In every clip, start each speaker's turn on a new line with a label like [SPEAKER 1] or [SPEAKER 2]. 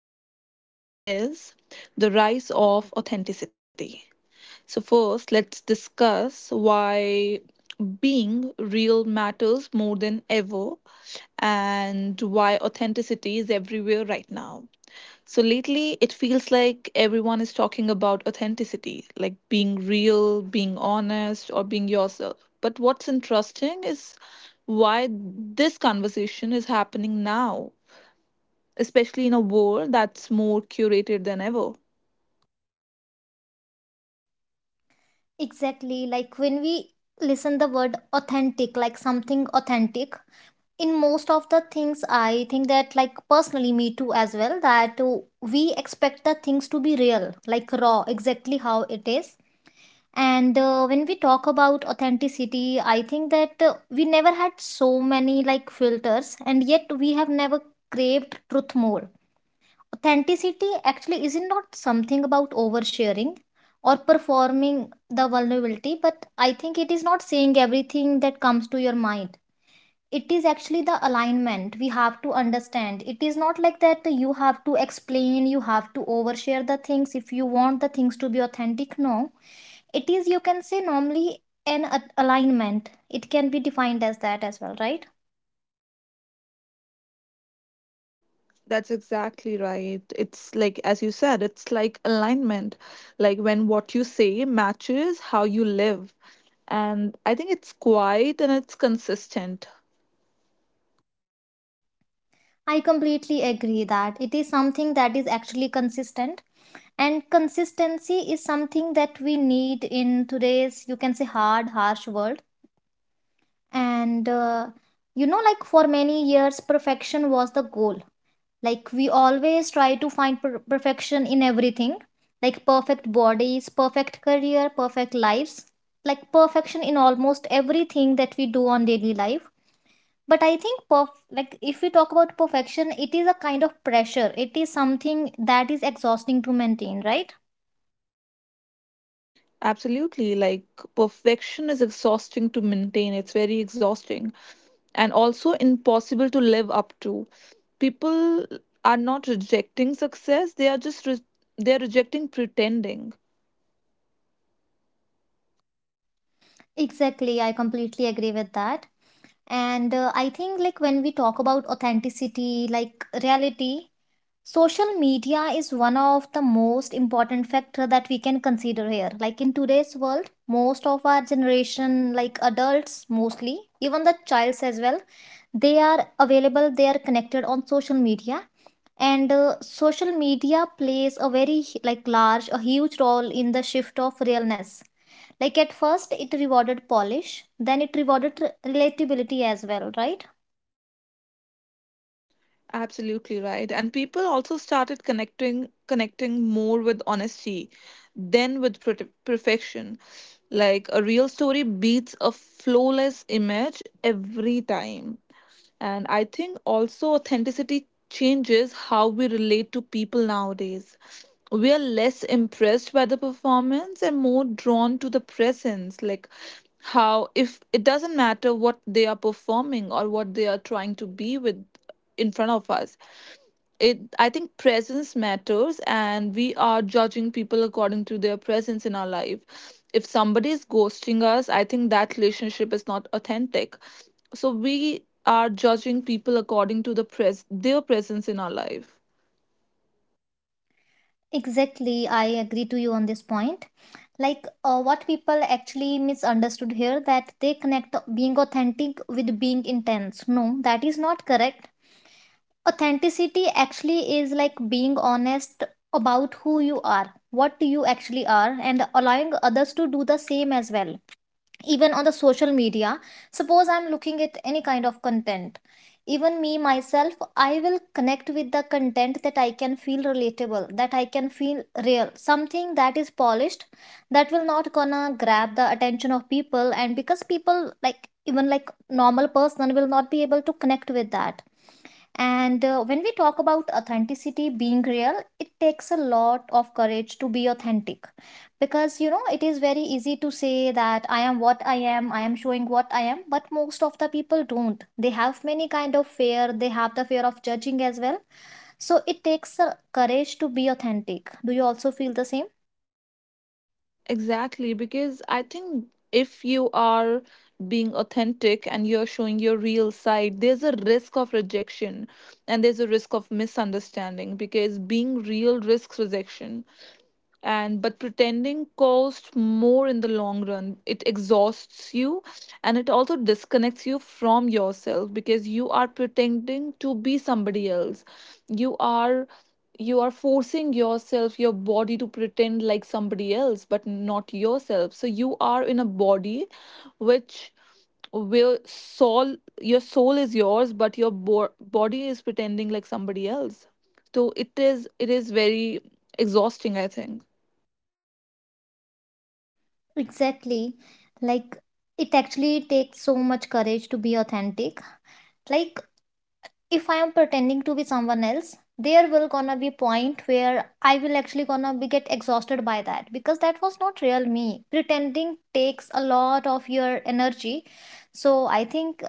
[SPEAKER 1] to discuss today is the rise of authenticity. So, first, let's discuss why being real matters more than ever and why authenticity is everywhere right now. So, lately, it feels like everyone is talking about authenticity, like being real, being honest, or being yourself. But what's interesting is why this conversation is happening now, especially in a world that's more curated than ever.
[SPEAKER 2] Exactly, like when we listen the word authentic, like something authentic, in most of the things, I think that, like personally, me too as well, that we expect the things to be real, like raw, exactly how it is. And when we talk about authenticity, I think that we never had so many like filters, and yet we have never craved truth more. Authenticity actually is not something about oversharing or performing the vulnerability, but I think it is not saying everything that comes to your mind. It is actually the alignment. We have to understand it is not like that you have to explain, you have to overshare the things if you want the things to be authentic. No, it is, you can say, normally alignment. It can be defined as that as well, right?
[SPEAKER 1] That's exactly right. It's like, as you said, it's like alignment. Like when what you say matches how you live. And I think it's quiet and it's consistent.
[SPEAKER 2] I completely agree that it is something that is actually consistent, and consistency is something that we need in today's, you can say, hard harsh world. And you know, like for many years perfection was the goal. Like we always try to find perfection in everything, like perfect bodies, perfect career, perfect lives, like perfection in almost everything that we do on daily life. But I think like if we talk about perfection, it is a kind of pressure. It is something that is exhausting to maintain, right?
[SPEAKER 1] Absolutely. Like perfection is exhausting to maintain, it's very exhausting and also impossible to live up to. People are not rejecting success, they are just they're rejecting pretending.
[SPEAKER 2] Exactly, I completely agree with that. And I think, like, when we talk about authenticity, like reality, social media is one of the most important factor that we can consider here, like in today's world most of our generation, like adults mostly, even the childs as well, they are available, they are connected on social media. And social media plays a very, like, large, a huge role in the shift of realness. Like at first it rewarded polish, then it rewarded relatability as well, right?
[SPEAKER 1] Absolutely right. And people also started connecting more with honesty than with perfection. Like a real story beats a flawless image every time. And I think also authenticity changes how we relate to people nowadays. We are less impressed by the performance and more drawn to the presence. Like, how, if it doesn't matter what they are performing or what they are trying to be with in front of us, it, I think presence matters, and we are judging people according to their presence in our life. If somebody is ghosting us, I think that relationship is not authentic. So we are judging people according to the their presence in our life.
[SPEAKER 2] Exactly, I agree to you on this point. What people actually misunderstood here, that they connect being authentic with being intense. No, that is not correct. Authenticity actually is like being honest about who you are, what you actually are, and allowing others to do the same as well. Even on the social media, suppose I'm looking at any kind of content, even me myself, I will connect with the content that I can feel relatable, that I can feel real. Something that is polished, that will not gonna grab the attention of people, and because people, like even like normal person, will not be able to connect with that. And when we talk about authenticity, being real, it takes a lot of courage to be authentic, because you know it is very easy to say that I am what I am showing what I am, but most of the people don't. They have many kind of fear, they have the fear of judging as well. So it takes courage to be authentic. Do you also feel the same?
[SPEAKER 1] Exactly, because I think if you are being authentic and you're showing your real side, there's a risk of rejection and there's a risk of misunderstanding because being real risks rejection. And but pretending costs more in the long run, it exhausts you, and it also disconnects you from yourself because you are pretending to be somebody else. You are, you are forcing yourself, your body to pretend like somebody else but not yourself. So you are in a body which, where soul, your soul is yours but your body is pretending like somebody else. So it is, it is very exhausting I think.
[SPEAKER 2] Exactly. Like it actually takes so much courage to be authentic. Like if I am pretending to be someone else, there will gonna be point where I will actually gonna be get exhausted by that, because that was not real me. Pretending takes a lot of your energy. So I think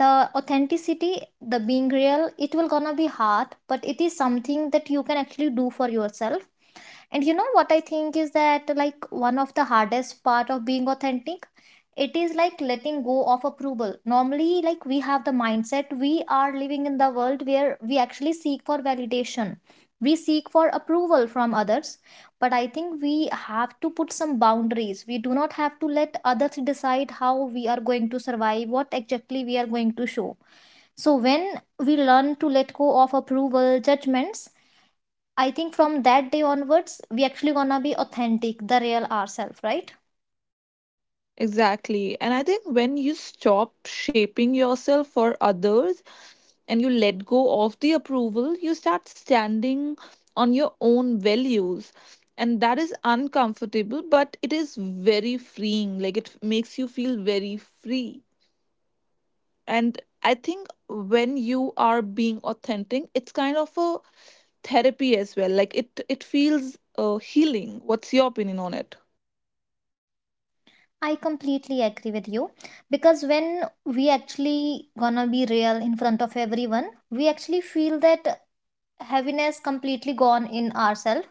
[SPEAKER 2] the authenticity, the being real, it will gonna be hard, but it is something that you can actually do for yourself. And you know what I think is that, like, one of the hardest part of being authentic, it is like letting go of approval. Normally, like we have the mindset, we are living in the world where we actually seek for validation. We seek for approval from others, but I think we have to put some boundaries. We do not have to let others decide how we are going to survive, what exactly we are going to show. So, when we learn to let go of approval, judgments, I think from that day onwards, we actually gonna be authentic, the real ourselves, right?
[SPEAKER 1] Exactly. And I think when you stop shaping yourself for others and you let go of the approval, you start standing on your own values. And that is uncomfortable, but it is very freeing. Like it makes you feel very free. And I think when you are being authentic, it's kind of a therapy as well. Like it feels healing. What's your opinion on it?
[SPEAKER 2] I completely agree with you, because when we actually gonna be real in front of everyone, we actually feel that heaviness completely gone in ourselves,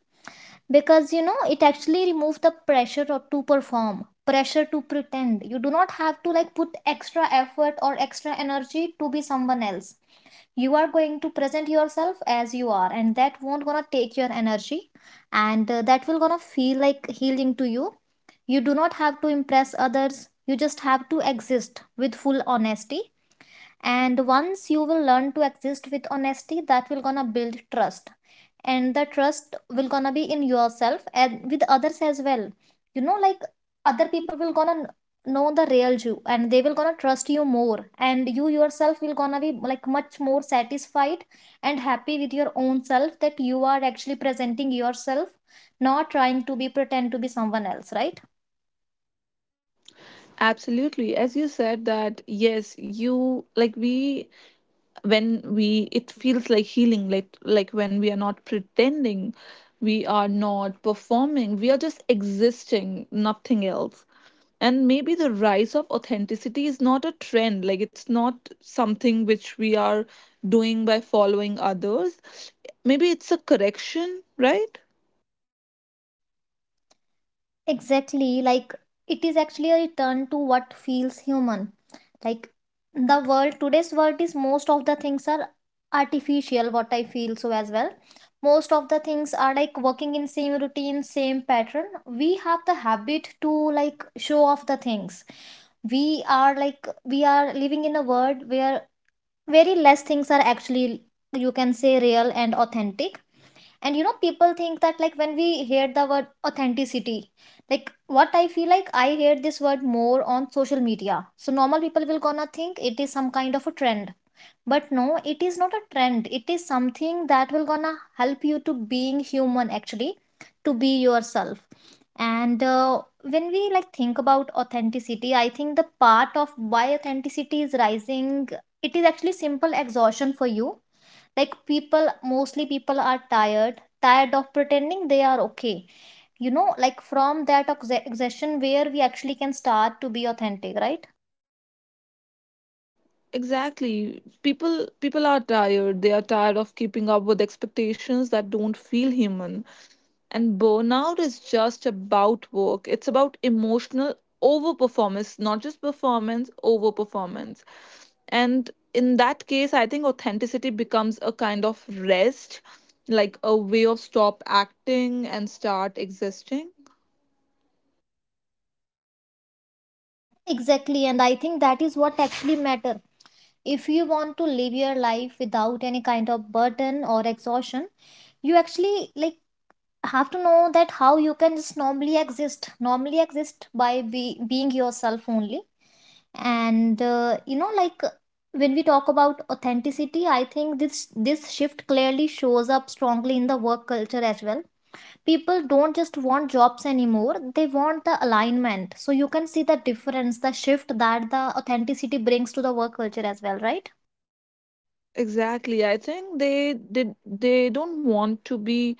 [SPEAKER 2] because you know it actually removes the pressure to perform, pressure to pretend. You do not have to like put extra effort or extra energy to be someone else. You are going to present yourself as you are, and that won't gonna take your energy. And that will gonna feel like healing to you. You do not have to impress others, you just have to exist with full honesty. And once you will learn to exist with honesty, that will gonna build trust, and the trust will gonna be in yourself and with others as well. You know, like other people will gonna know the real you, and they will gonna trust you more, and you yourself will gonna be like much more satisfied and happy with your own self, that you are actually presenting yourself, not trying to be pretend to be someone else, right?
[SPEAKER 1] Absolutely. As you said that yes, you like we, when we, it feels like healing, like when we are not pretending, we are not performing, we are just existing, nothing else. And maybe the rise of authenticity is not a trend, like it's not something which we are doing by following others. Maybe it's a correction, right?
[SPEAKER 2] Exactly, like it is actually a return to what feels human. Like the world, today's world, is, most of the things are artificial, what I feel so as well. Most of the things are like working in same routine, same pattern. We have the habit to like show off the things. We are like, we are living in a world where very less things are actually, you can say, real and authentic. And you know, people think that like when we hear the word authenticity, like, what I feel, like I hear this word more on social media, so normal people will gonna think it is some kind of a trend. But no, it is not a trend. It is something that will gonna help you to being human actually, to be yourself. And when we like think about authenticity, I think the part of why authenticity is rising, it is actually simple exhaustion for you. Like people, mostly people are tired, tired of pretending they are okay. You know, like from that exhaustion where we actually can start to be authentic, right?
[SPEAKER 1] Exactly. People are tired. They are tired of keeping up with expectations that don't feel human. And burnout is just about work. It's about emotional overperformance, not just performance, overperformance. And in that case, I think authenticity becomes a kind of rest, like a way of stop acting and start existing.
[SPEAKER 2] Exactly, and I think that is what actually matter. If you want to live your life without any kind of burden or exhaustion, you actually like have to know that how you can just normally exist, normally exist by being yourself only. And you know, like when we talk about authenticity, I think this shift clearly shows up strongly in the work culture as well. People don't just want jobs anymore, they want the alignment. So you can see the difference, the shift that the authenticity brings to the work culture as well, right?
[SPEAKER 1] Exactly. I think they did, they don't want to be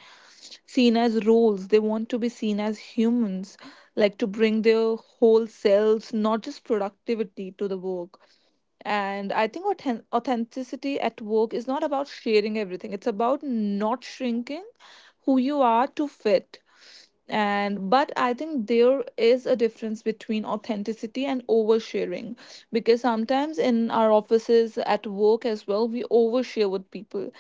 [SPEAKER 1] seen as roles. They want to be seen as humans, like to bring their whole selves, not just productivity to the work. And I think authenticity at work is not about sharing everything, it's about not shrinking who you are to fit. And but I think there is a difference between authenticity and oversharing because sometimes in our offices at work as well, we overshare with people.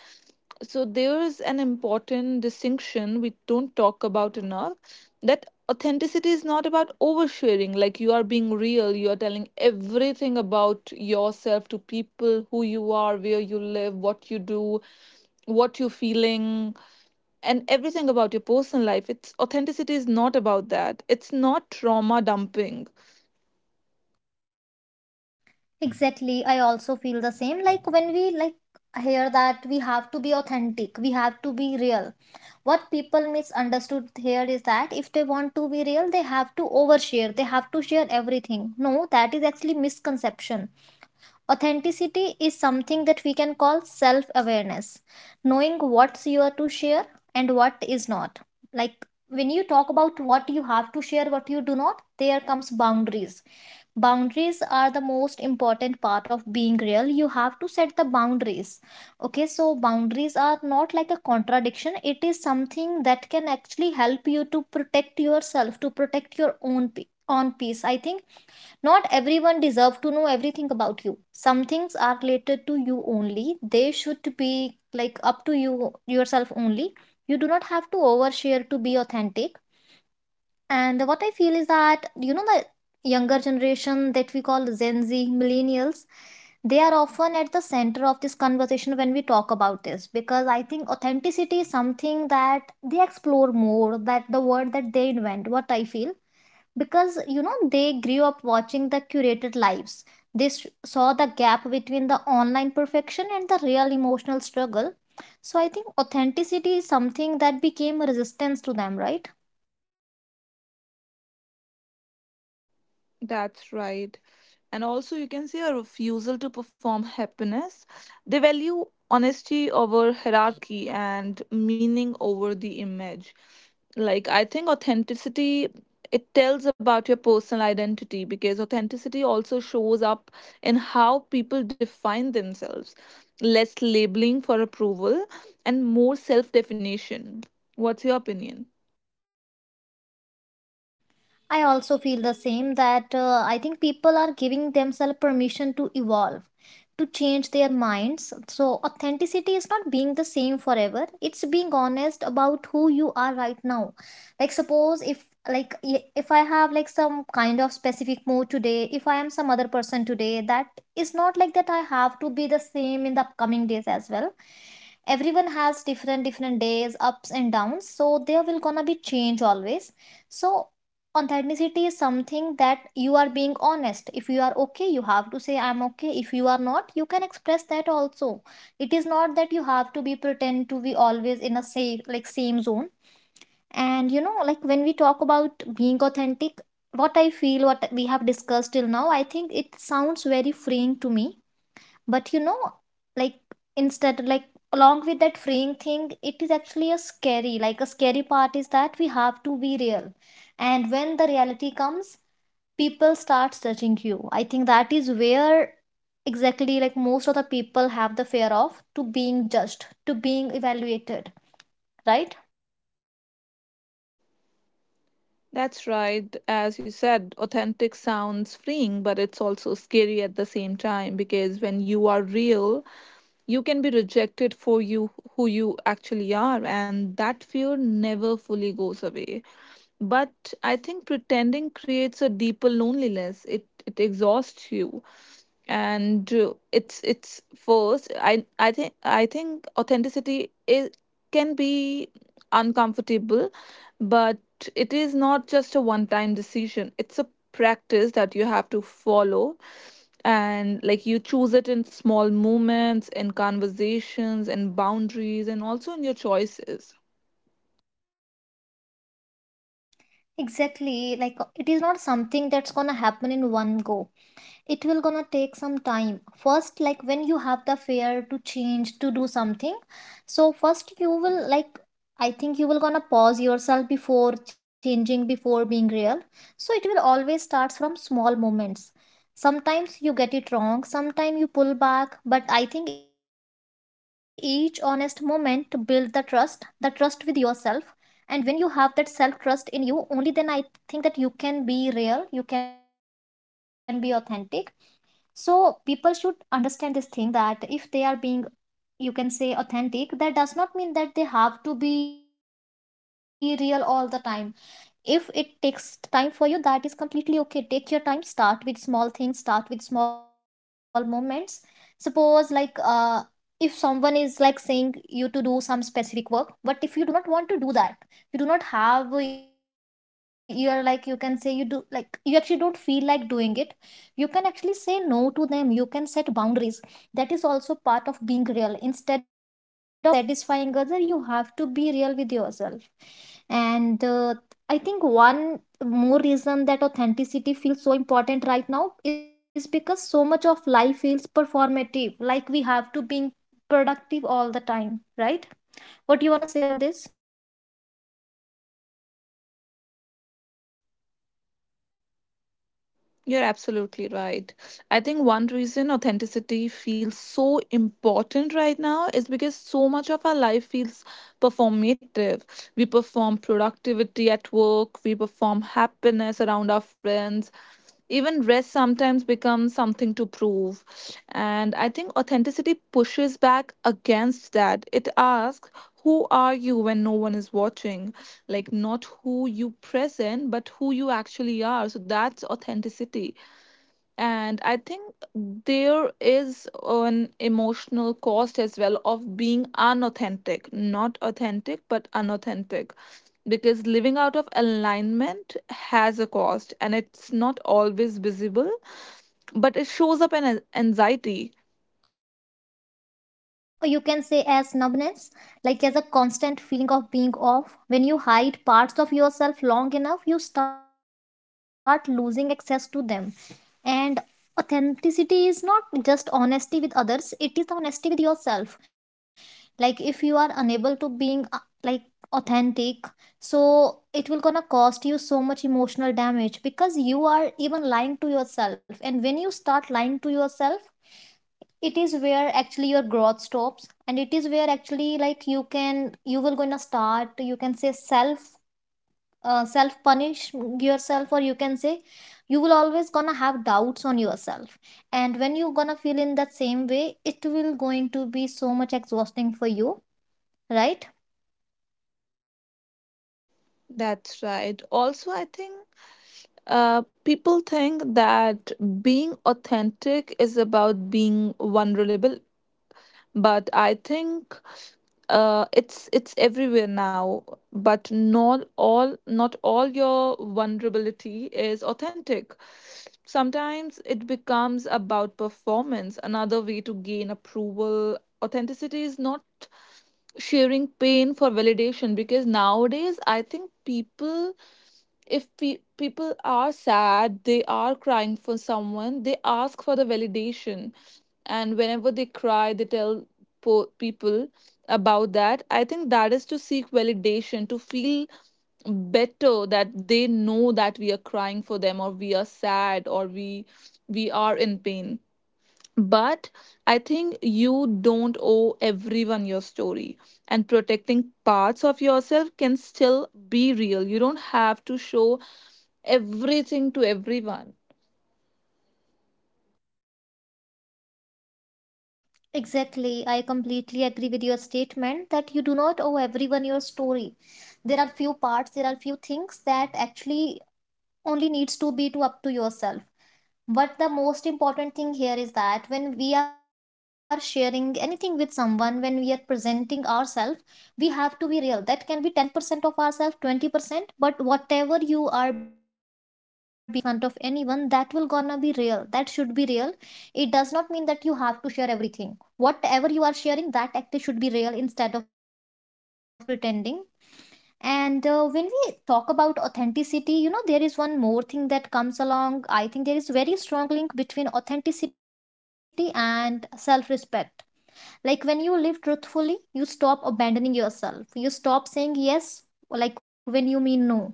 [SPEAKER 1] So there is an important distinction we don't talk about enough, that authenticity is not about oversharing, like you are being real, you are telling everything about yourself to people, who you are, where you live, what you do, what you're feeling, and everything about your personal life. It's, authenticity is not about that. It's not trauma dumping.
[SPEAKER 2] Exactly. I also feel the same. Like when we like hear that we have to be authentic, we have to be real, what people misunderstood here is that if they want to be real, they have to overshare. They have to share everything. No, that is actually misconception. Authenticity is something that we can call self-awareness, knowing what's you are to share and what is not. Like when you talk about what you have to share, what you do not, there comes boundaries. Boundaries are the most important part of being real. You have to set the boundaries. Okay, so boundaries are not like a contradiction. It is something that can actually help you to protect yourself, to protect your own peace, I think. Not everyone deserve to know everything about you. Some things are related to you only, they should be like up to you yourself only. You do not have to overshare to be authentic. And what I feel is that, you know, the younger generation that we call Gen Z, millennials, they are often at the center of this conversation when we talk about this, because I think authenticity is something that they explore more, that the word that they invent, what I feel, because you know they grew up watching the curated lives. They saw the gap between the online perfection and the real emotional struggle. So I think authenticity is something that became a resistance to them, right?
[SPEAKER 1] That's right. And also, you can see a refusal to perform happiness. They value honesty over hierarchy and meaning over the image. Like, I think authenticity, it tells about your personal identity because authenticity also shows up in how people define themselves. Less labeling for approval and more self definition. What's your opinion?
[SPEAKER 2] I also feel the same that I think people are giving themselves permission to evolve, to change their minds. So, authenticity is not being the same forever, it's being honest about who you are right now. Like, suppose if I have like some kind of specific mood today, if I am some other person today, that is not like that I have to be the same in the upcoming days as well. Everyone has different different days, ups and downs, so there will gonna be change always. So authenticity is something that you are being honest. If you are okay, you have to say I'm okay. If you are not, you can express that also. It is not that you have to be pretend to be always in a safe like same zone. And you know, like when we talk about being authentic, what I feel, what we have discussed till now, I think it sounds very freeing to me. But you know, like, instead like along with that freeing thing, it is actually a scary, like a scary part is that we have to be real. And when the reality comes, people start judging you. I think that is where exactly like most of the people have the fear of to being judged, to being evaluated, right?
[SPEAKER 1] That's right. As you said, authentic sounds freeing, but it's also scary at the same time because when you are real, you can be rejected for you, who you actually are, and that fear never fully goes away. But I think pretending creates a deeper loneliness. It exhausts you, and it's first. I think I think authenticity is, can be uncomfortable, but it is not just a one time decision, it's a practice that you have to follow. And like you choose it in small moments, in conversations, in boundaries, and also in your choices.
[SPEAKER 2] Exactly, like it is not something that's gonna happen in one go. It will gonna take some time. First, like when you have the fear to change, to do something, so first you will like I think you will gonna pause yourself before changing, before being real. So it will always starts from small moments. Sometimes you get it wrong, sometimes you pull back, but I think each honest moment to build the trust, the trust with yourself. And when you have that self trust in you, only then I think that you can be real, you can be authentic. So people should understand this thing that if they are being, you can say, authentic, that does not mean that they have to be real all the time. If it takes time for you, that is completely okay. Take your time, start with small things, start with small moments. Suppose like if someone is like saying you to do some specific work, but if you do not want to do that, you do not have you're like you can say you do like you actually don't feel like doing it, you can actually say no to them, you can set boundaries. That is also part of being real. Instead of satisfying other, you have to be real with yourself. And I think one more reason that authenticity feels so important right now is because so much of life feels performative, like we have to be productive all the time, right? What do you want to say on this?
[SPEAKER 1] You're absolutely right. I think one reason authenticity feels so important right now is because so much of our life feels performative. We perform productivity at work, we perform happiness around our friends, even rest sometimes becomes something to prove. And I think authenticity pushes back against that. It asks, who are you when no one is watching? Like not who you present but who you actually are. So that's authenticity. And I think there is an emotional cost as well of being unauthentic, not authentic but unauthentic, because living out of alignment has a cost and it's not always visible, but it shows up in anxiety.
[SPEAKER 2] Or you can say as numbness, like as a constant feeling of being off. When you hide parts of yourself long enough, you start losing access to them. And authenticity is not just honesty with others, it is the honesty with yourself. Like if you are unable to being like authentic, so it will gonna cost you so much emotional damage because you are even lying to yourself. And when you start lying to yourself, it is where actually your growth stops, and it is where actually like you will gonna start, you can say, self self punish yourself, or you can say you will always gonna have doubts on yourself. And when you gonna feel in that same way, it will going to be so much exhausting for you, right?
[SPEAKER 1] That's right. Also I think, people think that being authentic is about being vulnerable, but I think it's everywhere now. But not all your vulnerability is authentic. Sometimes it becomes about performance, another way to gain approval. Authenticity is not sharing pain for validation, because nowadays I think people, if people are sad, they are crying for someone, they ask for the validation. And whenever they cry, they tell people about that. I think that is to seek validation, to feel better that they know that we are crying for them or we are sad or we are in pain. But I think you don't owe everyone your story, and protecting parts of yourself can still be real. You don't have to show everything to everyone.
[SPEAKER 2] Exactly, I completely agree with your statement that you do not owe everyone your story. There are few things that actually only needs to be to up to yourself. But the most important thing here is that when we are sharing anything with someone, when we are presenting ourselves, we have to be real. That can be 10% of ourselves, 20%, but whatever you are being in front of anyone, that will gonna be real. That should be real. It does not mean that you have to share everything. Whatever you are sharing, that actually should be real instead of pretending. And when we talk about authenticity, you know, there is one more thing that comes along. I think there is very strong link between authenticity and self-respect. Like when you live truthfully, you stop abandoning yourself. You stop saying yes, like when you mean no,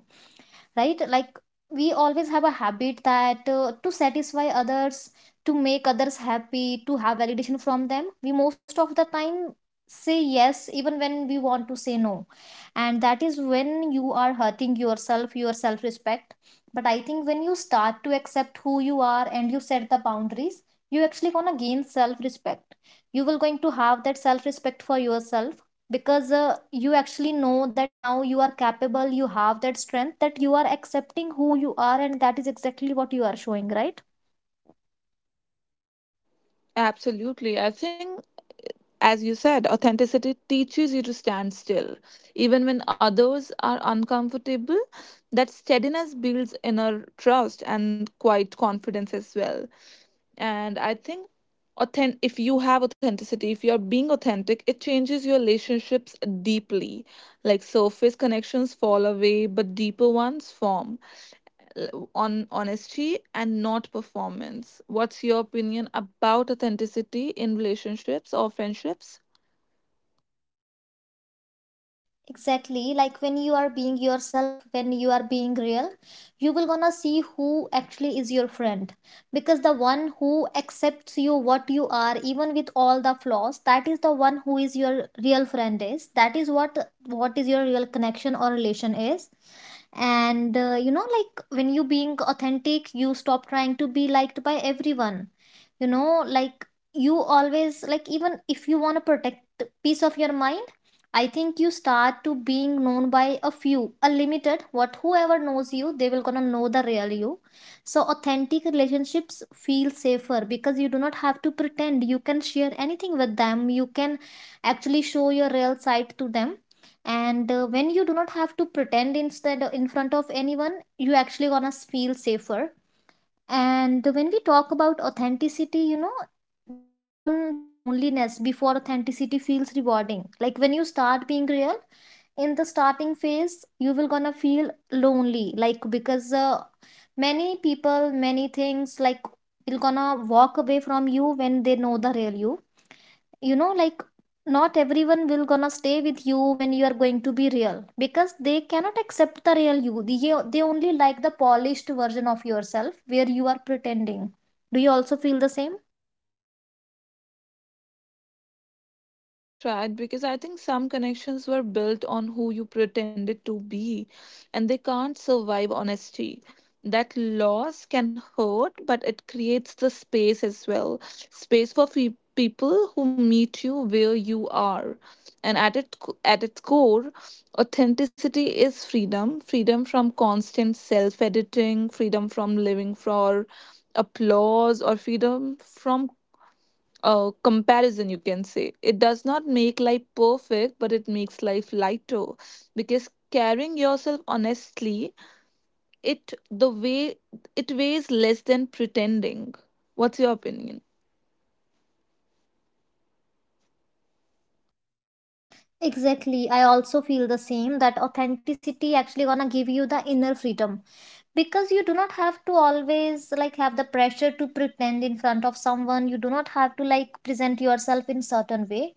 [SPEAKER 2] right? Like we always have a habit that, to satisfy others, to make others happy, to have validation from them, we most of the time say yes even when we want to say no. And that is when you are hurting yourself, your self respect. But I think when you start to accept who you are and you set the boundaries, you actually gonna gain self respect. You will going to have that self respect for yourself, because you actually know that now you are capable, you have that strength, that you are accepting who you are, and that is exactly what you are showing, right?
[SPEAKER 1] Absolutely. I think, as you said, authenticity teaches you to stand still. Even when others are uncomfortable, that steadiness builds inner trust and quite confidence as well. And I think authentic, if you have authenticity, if you're being authentic, it changes your relationships deeply. Like surface connections fall away but deeper ones form. On honesty and not performance. What's your opinion about authenticity in relationships or friendships?
[SPEAKER 2] Exactly, like when you are being yourself, when you are being real, you will gonna see who actually is your friend. Because the one who accepts you what you are, even with all the flaws, that is the one who is your real friend, is that is what is your real connection or relation is. And you know, like when you being authentic, you stop trying to be liked by everyone. You know, like you always like even if you want to protect piece of your mind, I think you start to being known by a few, a limited, what whoever knows you, they will gonna know the real you. So authentic relationships feel safer because you do not have to pretend. You can share anything with them. You can actually show your real side to them. And when you do not have to pretend instead in front of anyone, you actually gonna feel safer. And when we talk about authenticity, you know, there's often the loneliness before authenticity feels rewarding. Like when you start being real, in the starting phase, you will gonna feel lonely. Like because many people, many things, like will gonna walk away from you when they know the real you. You know, like not everyone will gonna stay with you when you are going to be real, because they cannot accept the real you. They only like the polished version of yourself where you are pretending. Do you also feel the same?
[SPEAKER 1] That's right, because I think some connections were built on who you pretended to be, and they can't survive honesty. That loss can hurt, but it creates the space as well, space for people who meet you where you are. And at, it, at its core, authenticity is freedom, freedom from constant self editing, freedom from living for applause, or freedom from comparison, you can say. It does not make life perfect, but it makes life lighter because carrying yourself honestly, it, the way it weighs less than pretending. What's your opinion?
[SPEAKER 2] Exactly, I also feel the same, that authenticity actually gonna give you the inner freedom, because you do not have to always like have the pressure to pretend in front of someone. You do not have to like present yourself in certain way.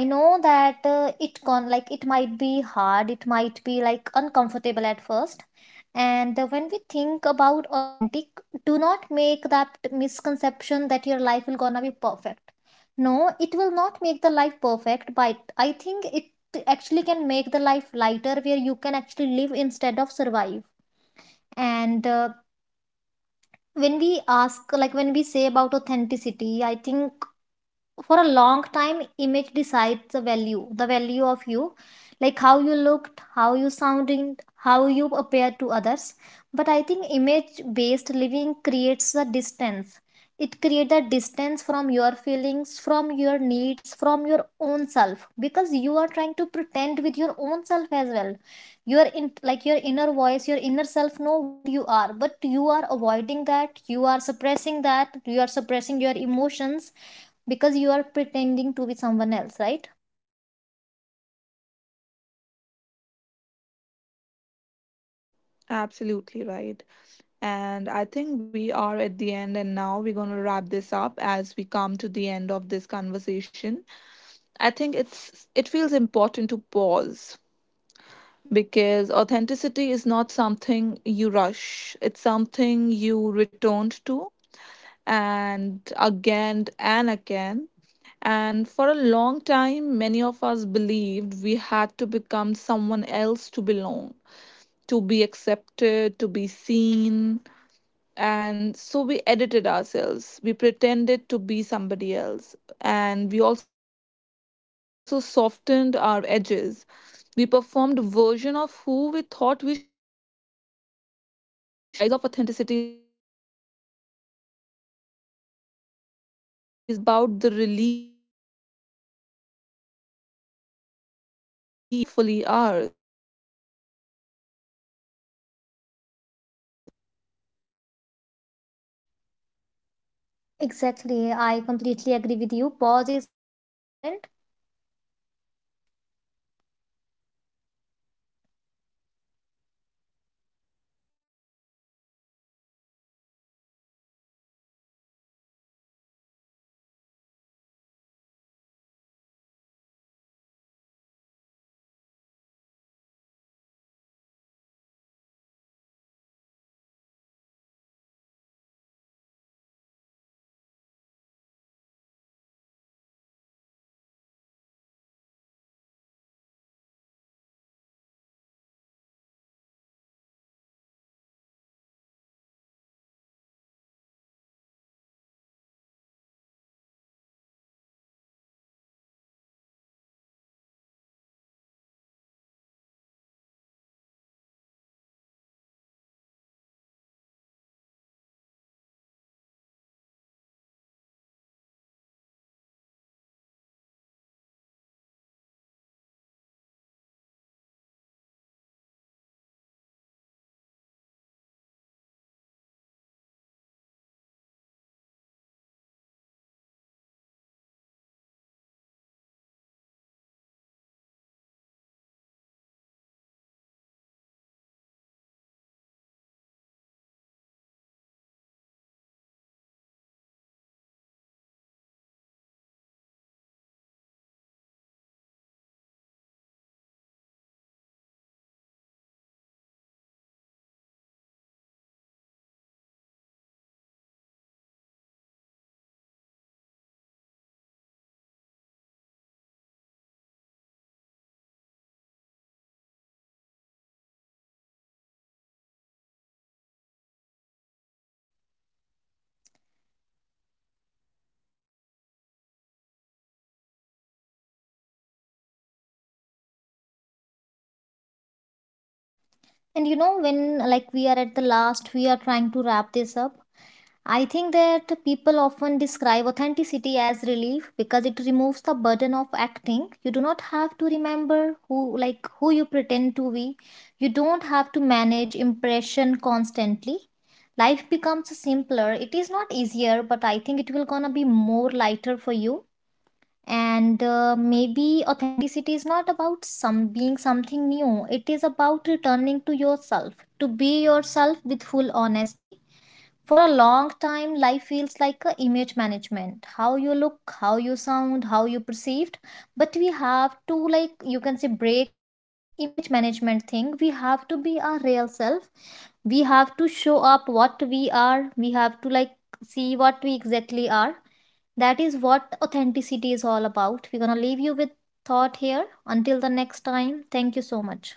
[SPEAKER 2] I know that it con like it might be hard, it might be like uncomfortable at first. And when we think about authentic, do not make that misconception that your life will gonna be perfect. No, it will not make the life perfect, but I think it actually can make the life lighter where you can actually live instead of survive. And when we ask, like when we say about authenticity, I think for a long time image decides the value, the value of you, like how you looked, how you sounding, how you appear to others. But I think image based living creates a distance. It creates a distance from your feelings, from your needs, from your own self, because you are trying to pretend with your own self as well. Your in like Your inner voice, your inner self know what you are, but you are avoiding that, you are suppressing that, you are suppressing your emotions, because you are pretending to be someone else, right?
[SPEAKER 1] Absolutely right. And I think we are at the end, and now we're going to wrap this up as we come to the end of this conversation. I think it's, it feels important to pause because authenticity is not something you rush, it's something you returned to, and again and again. And for a long time, many of us believed we had to become someone else to belong, to be accepted, to be seen. And so we edited ourselves. We pretended to be somebody else. And we also softened our edges, we performed version of who we thought we should be, but we were not that. And maybe the rise of authenticity is not about rebellion or rebellion. Maybe it's about the relief, relief from carrying identities that were never fully ours, right? Do you still, do you think the same?
[SPEAKER 2] Exactly. I completely agree with you. Pause is also important. And you know, when like we are at the last, we are trying to wrap this up, I think that people often describe authenticity as relief, because it removes the burden of acting. You do not have to remember who you pretend to be. You don't have to manage impression constantly. Life becomes simpler. It is not easier, but I think it will gonna be more lighter for you. And maybe authenticity is not about some being something new, it is about returning to yourself, to be yourself with full honesty. For a long time life feels like a image management, how you look, how you sound, how you perceived. But we have to like, you can say, break that image management thing. We have to be our real self. We have to show up what we are. We have to like see what we exactly are. That is what authenticity is all about. We're gonna leave you with thought here. Until the next time, thank you so much.